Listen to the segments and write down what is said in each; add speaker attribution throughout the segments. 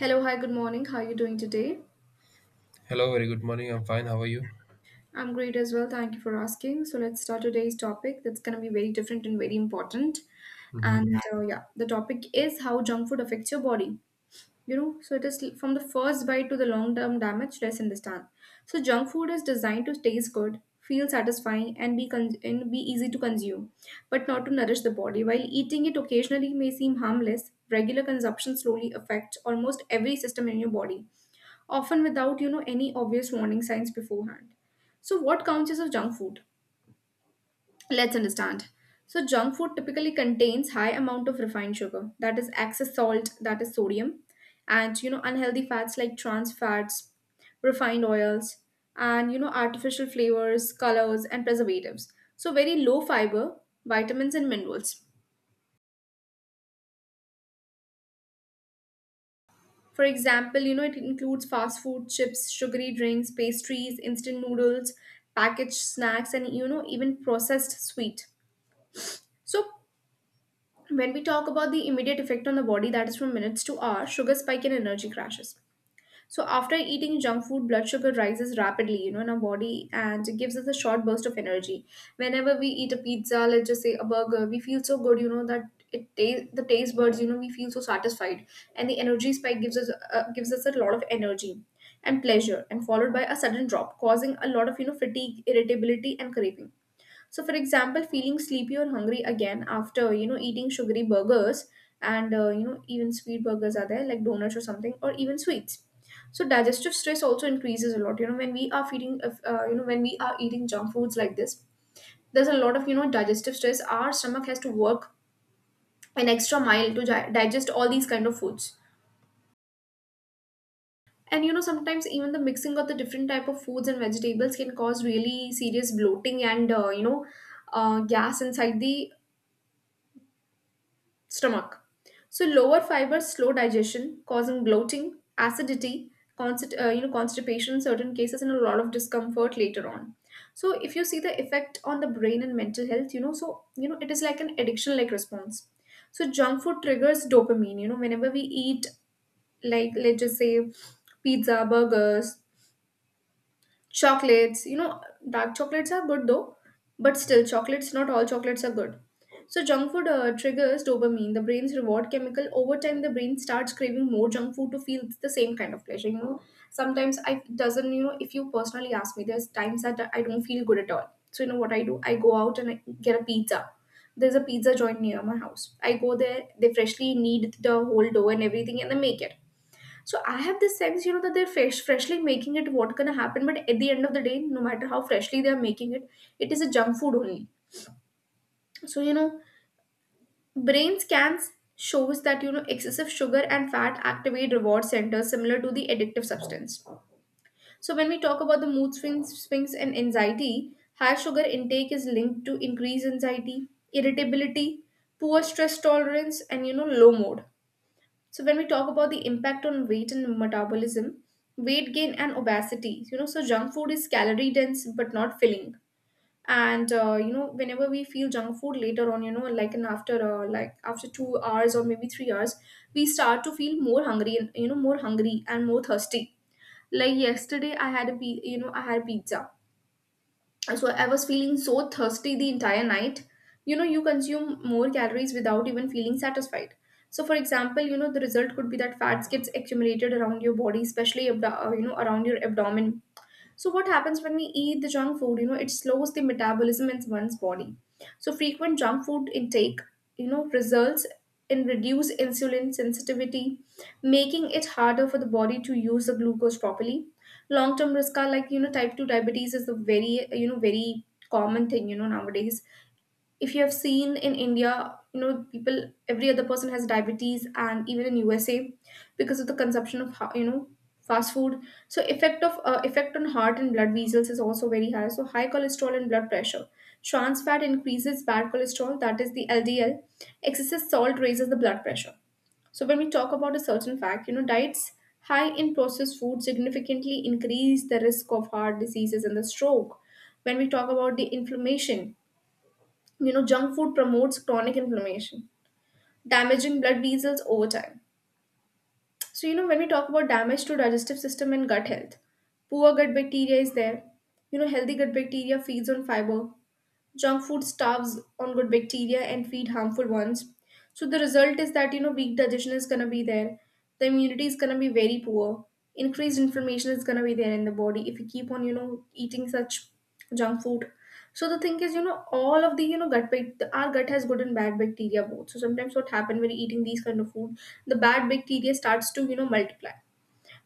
Speaker 1: Hello, hi, good morning. How are you doing today?
Speaker 2: Hello, very good morning. I'm fine. How are you?
Speaker 1: I'm great as well. Thank you for asking. So, let's start today's topic that's going to be very different and very important.
Speaker 2: Hmm.
Speaker 1: And yeah, the topic is how junk food affects your body. You know, so it is from the first bite to the long term damage, let's understand. So, junk food is designed to taste good, feel satisfying, and and be easy to consume, but not to nourish the body. While eating it occasionally may seem harmless, regular consumption slowly affects almost every system in your body, often without any obvious warning signs beforehand. So what counts as a junk food? Let's understand. So junk food typically contains high amount of refined sugar, that is excess salt, that is sodium, and unhealthy fats like trans fats, refined oils, and artificial flavors, colors and preservatives, so very low fiber, vitamins and minerals. For example, it includes fast food, chips, sugary drinks, pastries, instant noodles, packaged snacks, and even processed sweet. So, when we talk about the immediate effect on the body, that is from minutes to hours, sugar spike and energy crashes. So after eating junk food, blood sugar rises rapidly, in our body, and it gives us a short burst of energy. Whenever we eat a pizza, let's just say a burger, we feel so good, that it taste the taste buds, we feel so satisfied, and the energy spike gives us a lot of energy and pleasure, and followed by a sudden drop, causing a lot of fatigue, irritability, and craving. So, for example, feeling sleepy or hungry again after eating sugary burgers, and even sweet burgers are there, like donuts or something, or even sweets. So digestive stress also increases a lot. You know, when we are feeding, if, when we are eating junk foods like this, there's a lot of digestive stress. Our stomach has to work an extra mile to digest all these kind of foods. And you know sometimes even the mixing of the different type of foods and vegetables can cause really serious bloating and gas inside the stomach. So lower fibers slow digestion, causing bloating, acidity, constipation, certain cases, and a lot of discomfort later on. So if you see the effect on the brain and mental health, it is like an addiction-like response. So junk food triggers dopamine. You know, whenever we eat, like let's just say pizza, burgers, chocolates, dark chocolates are good though, but still chocolates, not all chocolates are good. So junk food triggers dopamine, the brain's reward chemical. Over time the brain starts craving more junk food to feel the same kind of pleasure. Sometimes I doesn't you know if you personally ask me, there's times that I don't feel good at all, so what I do, I go out and I get a pizza. There's a pizza joint near my house. I go there, they freshly knead the whole dough and everything, and they make it. So I have this sense, you know, that they're freshly making it. What gonna happen? But at the end of the day, no matter how freshly they are making it, it is a junk food only. So brain scans shows that excessive sugar and fat activate reward centers similar to the addictive substance. So when we talk about the mood swings, and anxiety, high sugar intake is linked to increased anxiety, irritability, poor stress tolerance, and low mood. So when we talk about the impact on weight and metabolism, weight gain and obesity, so junk food is calorie dense but not filling. And whenever we feel junk food later on, you know, like and after after 2 hours or maybe 3 hours, we start to feel more hungry, and more thirsty. Like yesterday, I had a I had pizza, so I was feeling so thirsty the entire night. You know, you consume more calories without even feeling satisfied. So for example, the result could be that fats gets accumulated around your body, especially around your abdomen. So what happens when we eat the junk food? You know, it slows the metabolism in one's body. So frequent junk food intake, results in reduced insulin sensitivity, making it harder for the body to use the glucose properly. Long-term risk are like, type 2 diabetes is a very, very common thing, nowadays. If you have seen in India, people, every other person has diabetes, and even in USA, because of the consumption of fast food. So effect on heart and blood vessels is also very high. So high cholesterol and blood pressure. Trans fat increases bad cholesterol, that is the LDL. Excessive salt raises the blood pressure. So when we talk about a certain fact, diets high in processed food significantly increase the risk of heart diseases and the stroke. When we talk about the inflammation, junk food promotes chronic inflammation, damaging blood vessels over time. So when we talk about damage to digestive system and gut health, poor gut bacteria is there. You know healthy gut bacteria feeds on fiber. Junk food starves on good bacteria and feed harmful ones. So the result is that weak digestion is gonna be there. The immunity is gonna be very poor. Increased inflammation is gonna be there in the body if you keep on eating such junk food. So the thing is, all of the you know gut bac- our gut has good and bad bacteria, both. So sometimes what happen, when you're eating these kind of food, the bad bacteria starts to multiply,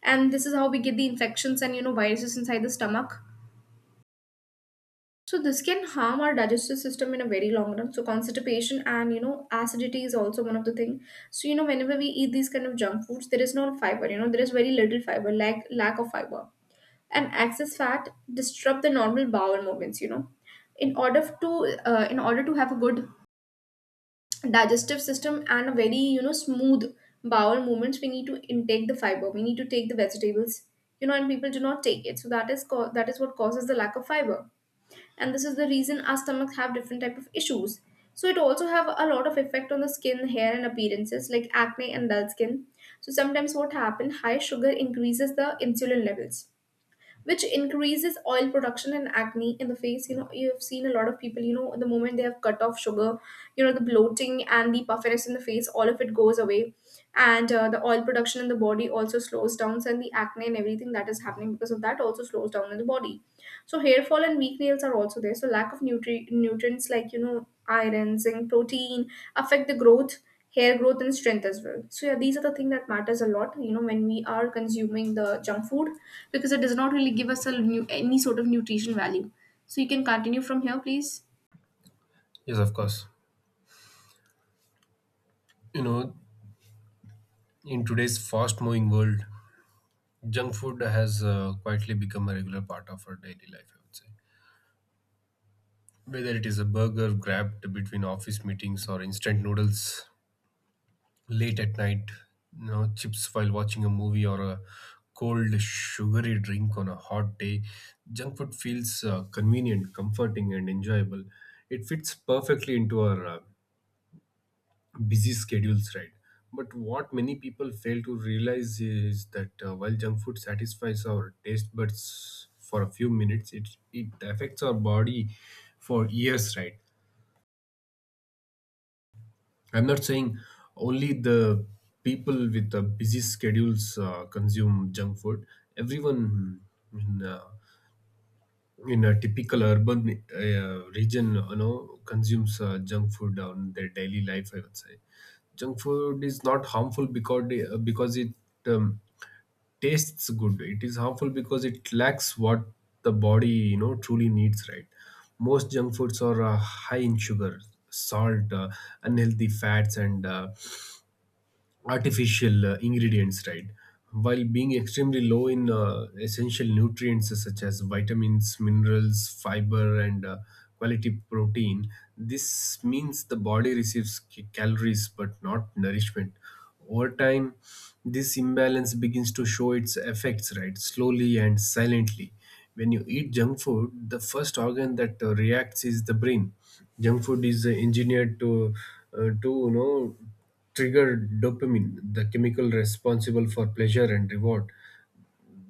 Speaker 1: and this is how we get the infections and viruses inside the stomach. So this can harm our digestive system in a very long run. So constipation and acidity is also one of the thing. So whenever we eat these kind of junk foods, there is no fiber. You know, there is very little fiber, lack of fiber, and excess fat disrupt the normal bowel movements. You know, in order to have a good digestive system and a very smooth bowel movements, we need to intake the fiber, we need to take the vegetables. You know, and people do not take it, so that is what causes the lack of fiber, and this is the reason our stomachs have different type of issues. So it also have a lot of effect on the skin, hair and appearances, like acne and dull skin. So sometimes what happen, high sugar increases the insulin levels, which increases oil production and acne in the face. You know, you've seen a lot of people, the moment they have cut off sugar, the bloating and the puffiness in the face, all of it goes away. And the oil production in the body also slows down, and the acne and everything that is happening because of that also slows down in the body. So hair fall and weak nails are also there. So lack of nutrients like iron, zinc, protein affect the growth, hair growth and strength as well. So yeah, these are the thing that matters a lot, when we are consuming the junk food, because it does not really give us a new any sort of nutrition value. So you can continue from here, please.
Speaker 2: Yes, of course. You know, in today's fast moving world, junk food has quietly become a regular part of our daily life, I would say. Whether it is a burger grabbed between office meetings or instant noodles late at night, you know, chips while watching a movie or a cold sugary drink on a hot day, junk food feels convenient, comforting, and enjoyable. It fits perfectly into our busy schedules, right? But what many people fail to realize is that while junk food satisfies our taste buds for a few minutes, it affects our body for years, right? I'm not saying only the people with the busy schedules consume junk food. Everyone in uh, in a typical urban region, you know, consumes junk food on their daily life. I would say junk food is not harmful because it um, tastes good. It is harmful because it lacks what the body, you know, truly needs, right? Most junk foods are high in sugar, salt, unhealthy fats, and artificial ingredients, right? While being extremely low in essential nutrients such as vitamins, minerals, fiber, and quality protein, this means the body receives calories but not nourishment. Over time, this imbalance begins to show its effects, right? Slowly and silently. When you eat junk food, the first organ that reacts is the brain. Junk food is engineered to, to trigger dopamine, the chemical responsible for pleasure and reward.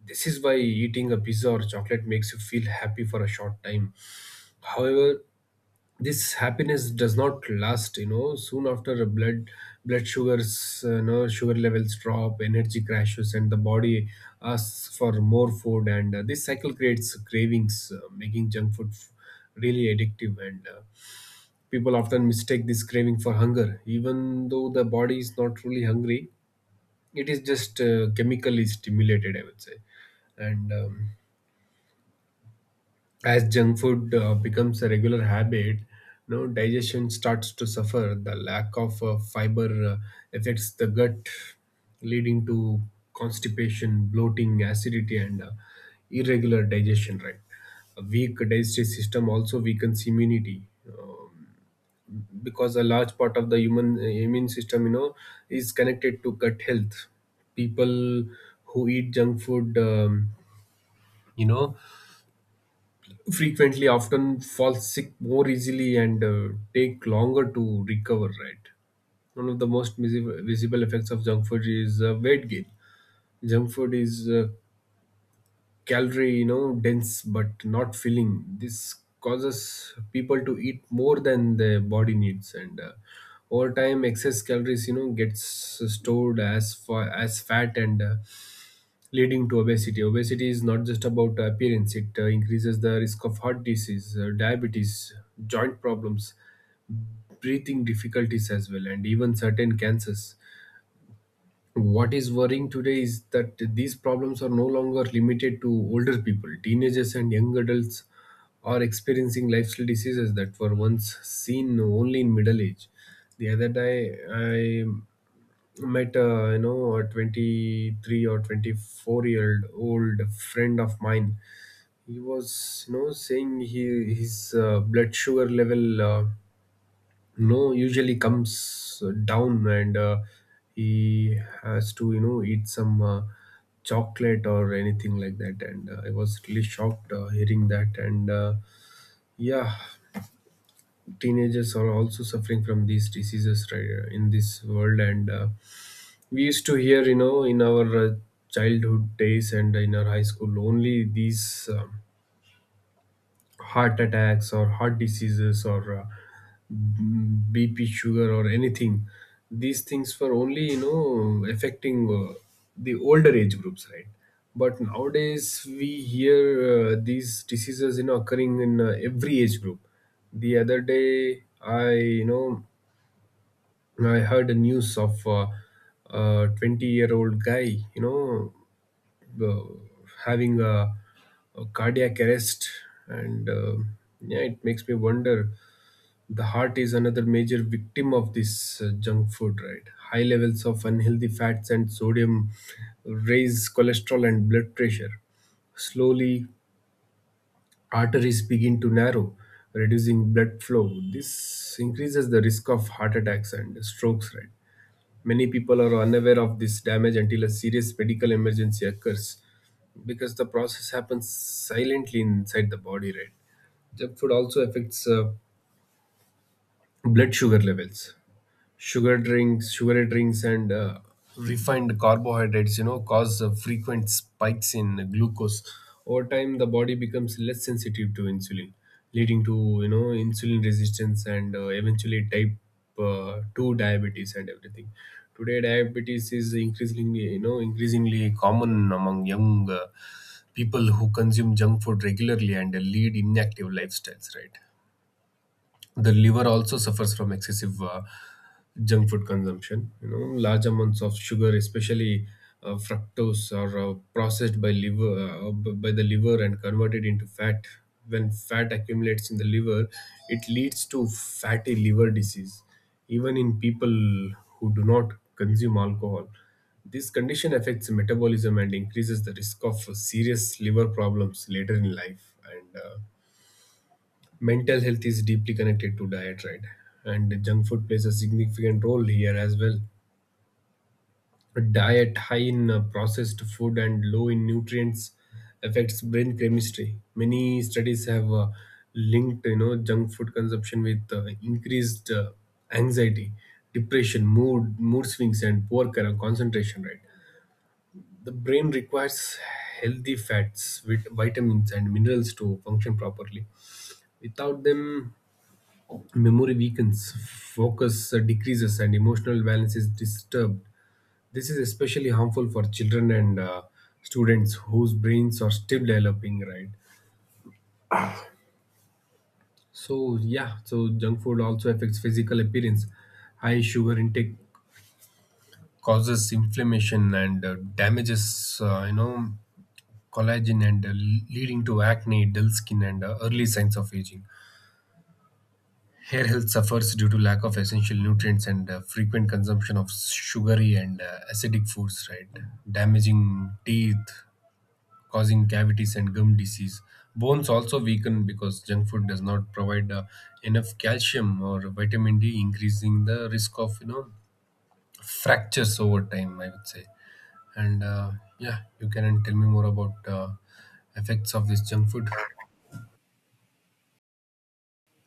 Speaker 2: This is why eating a pizza or chocolate makes you feel happy for a short time. However, this happiness does not last. You know, soon after, a blood blood sugars, you know, sugar levels drop, energy crashes, and the body asks for more food. And this cycle creates cravings, making junk food really addictive. And people often mistake this craving for hunger, even though the body is not really hungry, it is just chemically stimulated, I would say. And as junk food becomes a regular habit, no, digestion starts to suffer. The lack of fiber affects the gut, leading to constipation, bloating, acidity, and irregular digestion, right? A weak digestive system also weakens immunity because a large part of the human immune system, you know, is connected to gut health. People who eat junk food you know frequently often fall sick more easily and take longer to recover, right? One of the most visible effects of junk food is weight gain. Junk food is calorie, you know, dense but not filling. This causes people to eat more than their body needs, and over time excess calories, you know, gets stored as far as fat, and leading to obesity. Obesity is not just about appearance. It increases the risk of heart disease, diabetes, joint problems, breathing difficulties as well, and even certain cancers. What is worrying today is that these problems are no longer limited to older people. Teenagers and young adults are experiencing lifestyle diseases that were once seen only in middle age. The other day, I met, a you know, a 23 or 24-year-old friend of mine. He was, you know, saying he, his blood sugar level, no, usually comes down, and he has to, you know, eat some chocolate or anything like that. And I was really shocked hearing that. And yeah, teenagers are also suffering from these diseases, right, in this world. And we used to hear, you know, in our childhood days and in our high school only these heart attacks or heart diseases or BP, sugar, or anything. These things were only, you know, affecting the older age groups, right? But nowadays we hear these diseases, you know, occurring in every age group. The other day I, you know, I heard a news of a 20-year-old guy, you know, uh, having a cardiac arrest. And yeah, it makes me wonder. The heart is another major victim of this junk food, right? High levels of unhealthy fats and sodium raise cholesterol and blood pressure. Slowly, arteries begin to narrow, reducing blood flow. This increases the risk of heart attacks and strokes, right? Many people are unaware of this damage until a serious medical emergency occurs because the process happens silently inside the body, right? Junk food also affects blood sugar levels. Sugary drinks and refined carbohydrates, you know, cause frequent spikes in glucose. Over time, the body becomes less sensitive to insulin, leading to, you know, insulin resistance, and eventually type 2 diabetes and everything. Today diabetes is increasingly common among young people who consume junk food regularly and lead inactive lifestyles, right? The liver also suffers from excessive junk food consumption. You know, large amounts of sugar, especially fructose, are processed by liver b- by the liver and converted into fat. When fat accumulates in the liver, it leads to fatty liver disease, even in people who do not consume alcohol. This condition affects metabolism and increases the risk of serious liver problems later in life. And mental health is deeply connected to diet, right? And junk food plays a significant role here as well. A diet high in processed food and low in nutrients affects brain chemistry. Many studies have linked, you know, junk food consumption with increased anxiety, depression, mood swings, and poor concentration, right? The brain requires healthy fats with vitamins and minerals to function properly. Without them, memory weakens, focus decreases, and emotional balance is disturbed. This is especially harmful for children and students whose brains are still developing, right? So, yeah, so junk food also affects physical appearance. High sugar intake causes inflammation and damages, collagen, and leading to acne, dull skin, and early signs of aging. Hair health suffers due to lack of essential nutrients and frequent consumption of sugary and acidic foods, right? Damaging teeth, causing cavities and gum disease. Bones also weaken because junk food does not provide enough calcium or vitamin D, increasing the risk of, you know, fractures over time, I would say. And yeah, you can tell me more about effects of this junk food.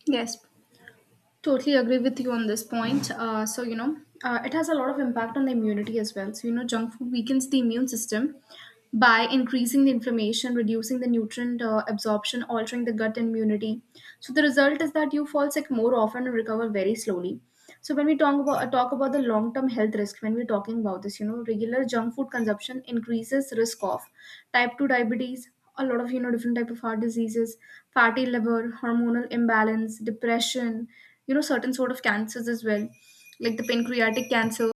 Speaker 1: Yes, totally agree with you on this point. It has a lot of impact on the immunity as well. So, junk food weakens the immune system by increasing the inflammation, reducing the nutrient absorption, altering the gut immunity. So, the result is that you fall sick more often and recover very slowly. So when we talk about talk about the long term health risk, when we're talking about this, regular junk food consumption increases risk of type two diabetes, a lot of different type of heart diseases, fatty liver, hormonal imbalance, depression, certain sort of cancers as well, like the pancreatic cancer.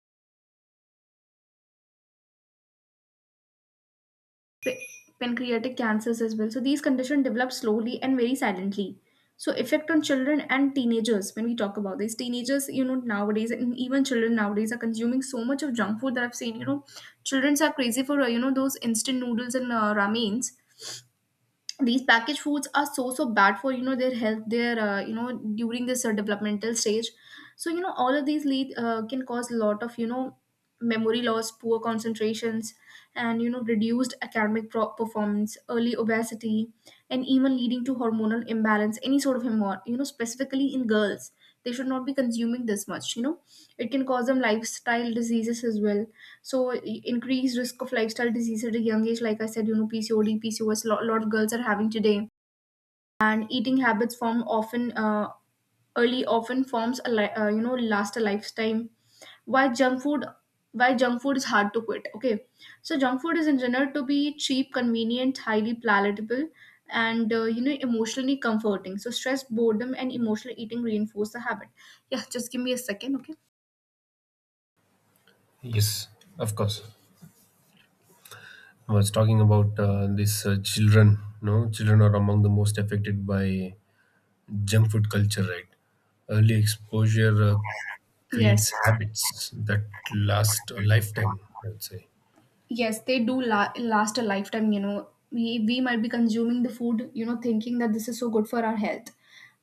Speaker 1: pa- Pancreatic cancers as well. So these conditions develop slowly and very silently. So effect on children and teenagers. When we talk about this. Teenagers, you know, nowadays and even children nowadays are consuming so much of junk food that I've seen. You know, childrens are crazy for you know, those instant noodles and ramens. These packaged foods are so bad for, you know, their health, their you know, during this developmental stage. So, you know, all of these lead can cause a lot of, you know, memory loss, poor concentrations, and, you know, reduced academic performance, early obesity, and even leading to hormonal imbalance, any sort of hormone, you know, specifically in girls. They should not be consuming this much, you know. It can cause them lifestyle diseases as well. So increased risk of lifestyle diseases at a young age, like I said, you know, PCOD, PCOS, lot of girls are having today. And eating habits form often early, often forms a you know, last a lifetime. Why junk food? Why junk food is hard to quit? Okay, so junk food is engineered to be cheap, convenient, highly palatable, and you know, emotionally comforting. So stress, boredom, and emotional eating reinforce the habit. Yeah, just give me a second, okay.
Speaker 2: Yes, of course. I was talking about these children. No, children are among the most affected by junk food culture, right? Early exposure
Speaker 1: Yes,
Speaker 2: creates habits that last a lifetime, I would say.
Speaker 1: yes, they do last a lifetime. You know, we might be consuming the food, you know, thinking that this is so good for our health,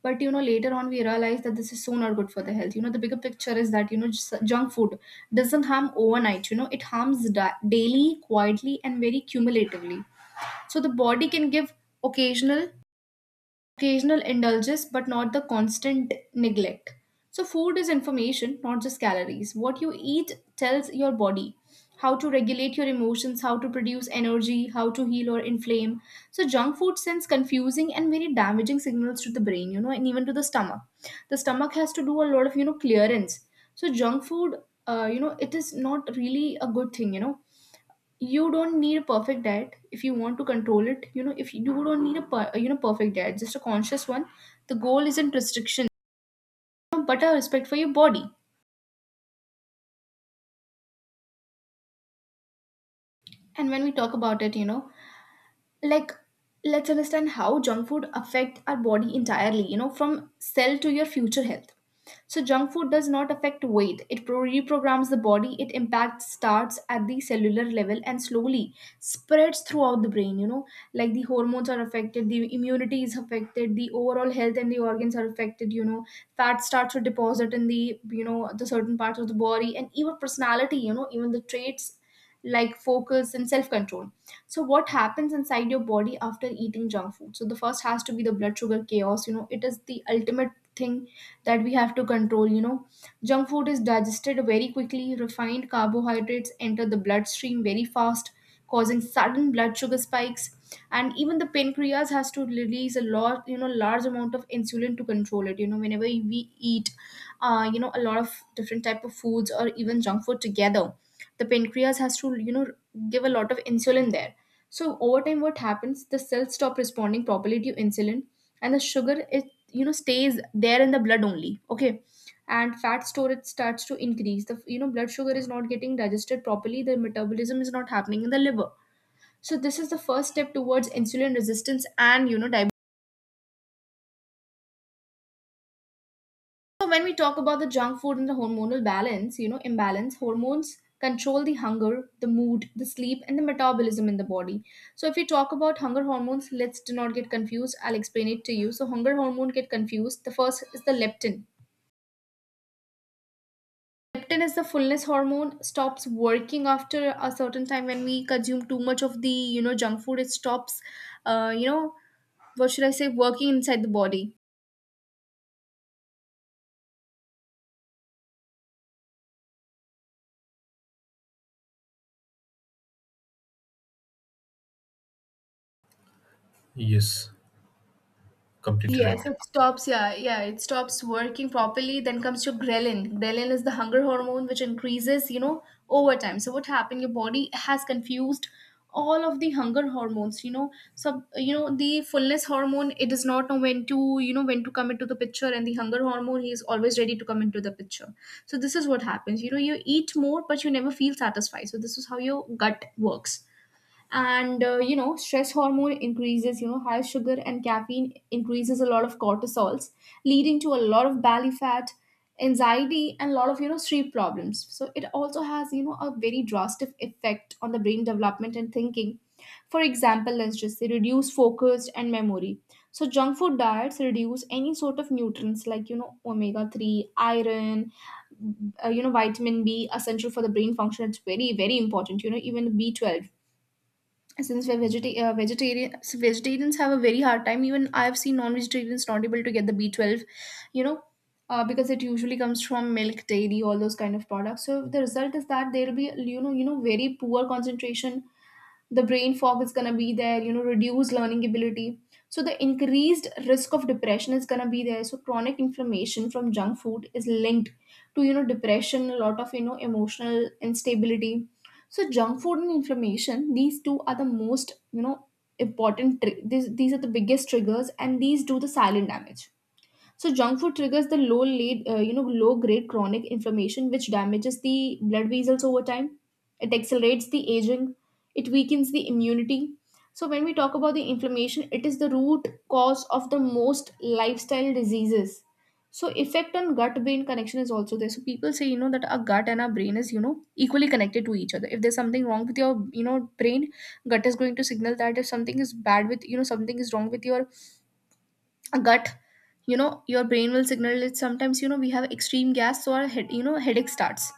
Speaker 1: but, you know, later on we realize that this is so not good for the health. You know, the bigger picture is that, you know, just junk food doesn't harm overnight. You know, it harms daily, quietly, and very cumulatively. So the body can give occasional, occasional indulges, but not the constant neglect. So, food is information, not just calories. What you eat tells your body how to regulate your emotions, how to produce energy, how to heal or inflame. So, junk food sends confusing and very damaging signals to the brain, you know, and even to the stomach. The stomach has to do a lot of, you know, clearance. So, junk food, you know, it is not really a good thing. You know, you don't need a perfect diet. If you want to control it, you know, if you don't need a per, you know perfect diet, just a conscious one. The goal isn't restriction, but a respect for your body. And when we talk about it, you know, like, let's understand how junk food affect our body entirely, you know, from cell to your future health. So junk food does not affect weight, it reprograms the body. It impact starts at the cellular level and slowly spreads throughout the brain, you know, like the hormones are affected, the immunity is affected, the overall health and the organs are affected, you know. Fat starts to deposit in the, you know, the certain parts of the body and even personality, you know, even the traits like focus and self control. So, what happens inside your body after eating junk food? So, the first has to be the blood sugar chaos. You know, it is the ultimate thing that we have to control. You know, junk food is digested very quickly, refined carbohydrates enter the bloodstream very fast, causing sudden blood sugar spikes. And even the pancreas has to release a lot, you know, large amount of insulin to control it. You know, whenever we eat, you know, a lot of different type of foods or even junk food together, the pancreas has to, you know, give a lot of insulin there. So over time what happens, the cells stop responding properly to insulin, and the sugar, it, you know, stays there in the blood only, okay. And fat storage starts to increase. The, you know, blood sugar is not getting digested properly, the metabolism is not happening in the liver. So this is the first step towards insulin resistance and, you know, diabetes. So when we talk about the junk food and the hormonal balance, you know, imbalance, hormones control the hunger, the mood, the sleep, and the metabolism in the body. So if we talk about hunger hormones, let's do not get confused, I'll explain it to you. So hunger hormone get confused. The first is the leptin. Leptin is the fullness hormone, stops working after a certain time when we consume too much of the, you know, junk food. It stops, you know, what should I say, working inside the body.
Speaker 2: Yes, completely
Speaker 1: Yes,
Speaker 2: right.
Speaker 1: it stops. Yeah, yeah, it stops working properly. Then comes your ghrelin. Ghrelin is the hunger hormone which increases, you know, over time. So what happened? Your body has confused all of the hunger hormones. You know, so you know the fullness hormone, it does not know when to, you know, when to come into the picture, and the hunger hormone, he is always ready to come into the picture. So this is what happens. You know, you eat more, but you never feel satisfied. So this is how your gut works. And you know, stress hormone increases. You know, high sugar and caffeine increases a lot of cortisols, leading to a lot of belly fat, anxiety, and a lot of, you know, sleep problems. So it also has, you know, a very drastic effect on the brain development and thinking. For example, let's just say reduce focus and memory. So junk food diets reduce any sort of nutrients, like, you know, omega 3, iron, you know, vitamin b, essential for the brain function. It's very important, you know, even B12. Since we're vegetarian, so vegetarians have a very hard time. Even I've seen non-vegetarians not able to get the B12, you know. Because it usually comes from milk, dairy, all those kind of products. So the result is that there will be, you know, very poor concentration, the brain fog is going to be there, you know, reduced learning ability. So the increased risk of depression is going to be there. So chronic inflammation from junk food is linked to, you know, depression, a lot of, you know, emotional instability. So junk food and inflammation, these two are the most, you know, important these are the biggest triggers, and these do the silent damage. So junk food triggers the you know, low grade chronic inflammation, which damages the blood vessels over time. It accelerates the aging. It weakens the immunity. So when we talk about the inflammation, it is the root cause of the most lifestyle diseases. So effect on gut brain connection is also there. So people say, you know, that our gut and our brain is, you know, equally connected to each other. If there's something wrong with your, you know, brain, gut is going to signal that. If something is bad with, you know, something is wrong with your gut, you know, your brain will signal it. Sometimes, you know, we have extreme gas, so our head, you know, headache starts.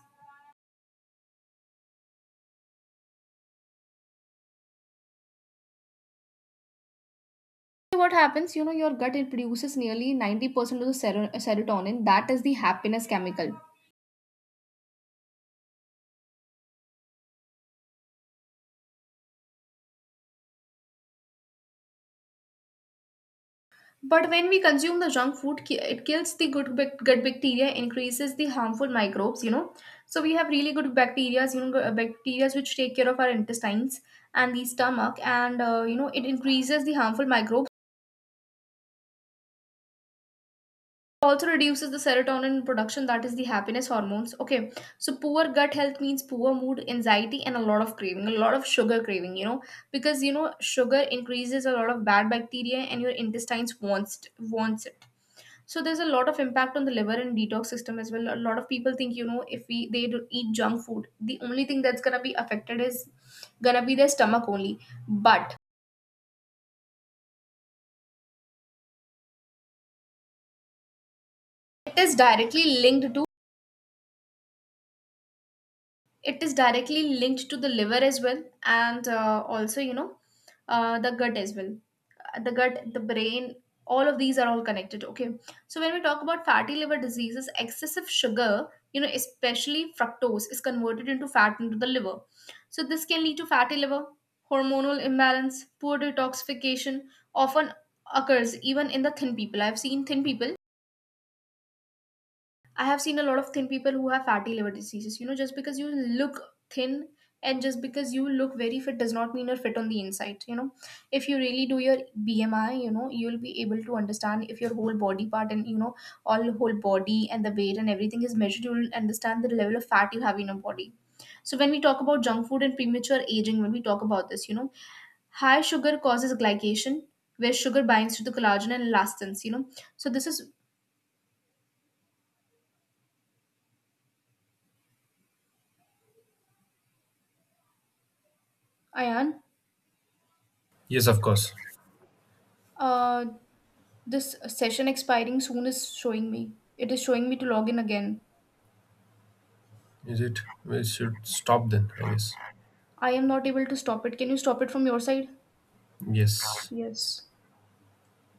Speaker 1: So what happens, you know, your gut, it produces nearly 90% of the serotonin, that is the happiness chemical. But when we consume the junk food, it kills the good gut bacteria, increases the harmful microbes, you know. So we have really good bacteria, you know, bacteria which take care of our intestines and the stomach. And you know, it increases the harmful microbes, also reduces the serotonin production, that is the happiness hormones, okay. So poor gut health means poor mood, anxiety, and a lot of craving, a lot of sugar craving, you know. Because, you know, sugar increases a lot of bad bacteria and your intestines wants, wants it. So there's a lot of impact on the liver and detox system as well. A lot of people think, you know, if we they do eat junk food, the only thing that's gonna be affected is gonna be their stomach only. But it is directly linked to it is directly linked to the liver as well. And also, you know, the gut as well. The gut, the brain, all of these are all connected, okay. So when we talk about fatty liver diseases, excessive sugar, you know, especially fructose, is converted into fat into the liver. So this can lead to fatty liver, hormonal imbalance, poor detoxification, often occurs even in the thin people. I've seen thin people, I have seen a lot of thin people who have fatty liver diseases. You know, just because you look thin and just because you look very fit does not mean you're fit on the inside. You know, if you really do your BMI, you know, you'll be able to understand if your whole body part and, you know, all whole body and the weight and everything is measured, you'll understand the level of fat you have in your body. So when we talk about junk food and premature aging, when we talk about this, you know, high sugar causes glycation, where sugar binds to the collagen and elastins. You know, so this is Ayan.
Speaker 2: Yes, of course.
Speaker 1: Uh, This session expiring soon is showing me. It is showing me to log in again.
Speaker 2: Is it? We should stop then, I guess.
Speaker 1: I am not able to stop it. Can you stop it from your side?
Speaker 2: Yes.
Speaker 1: Yes.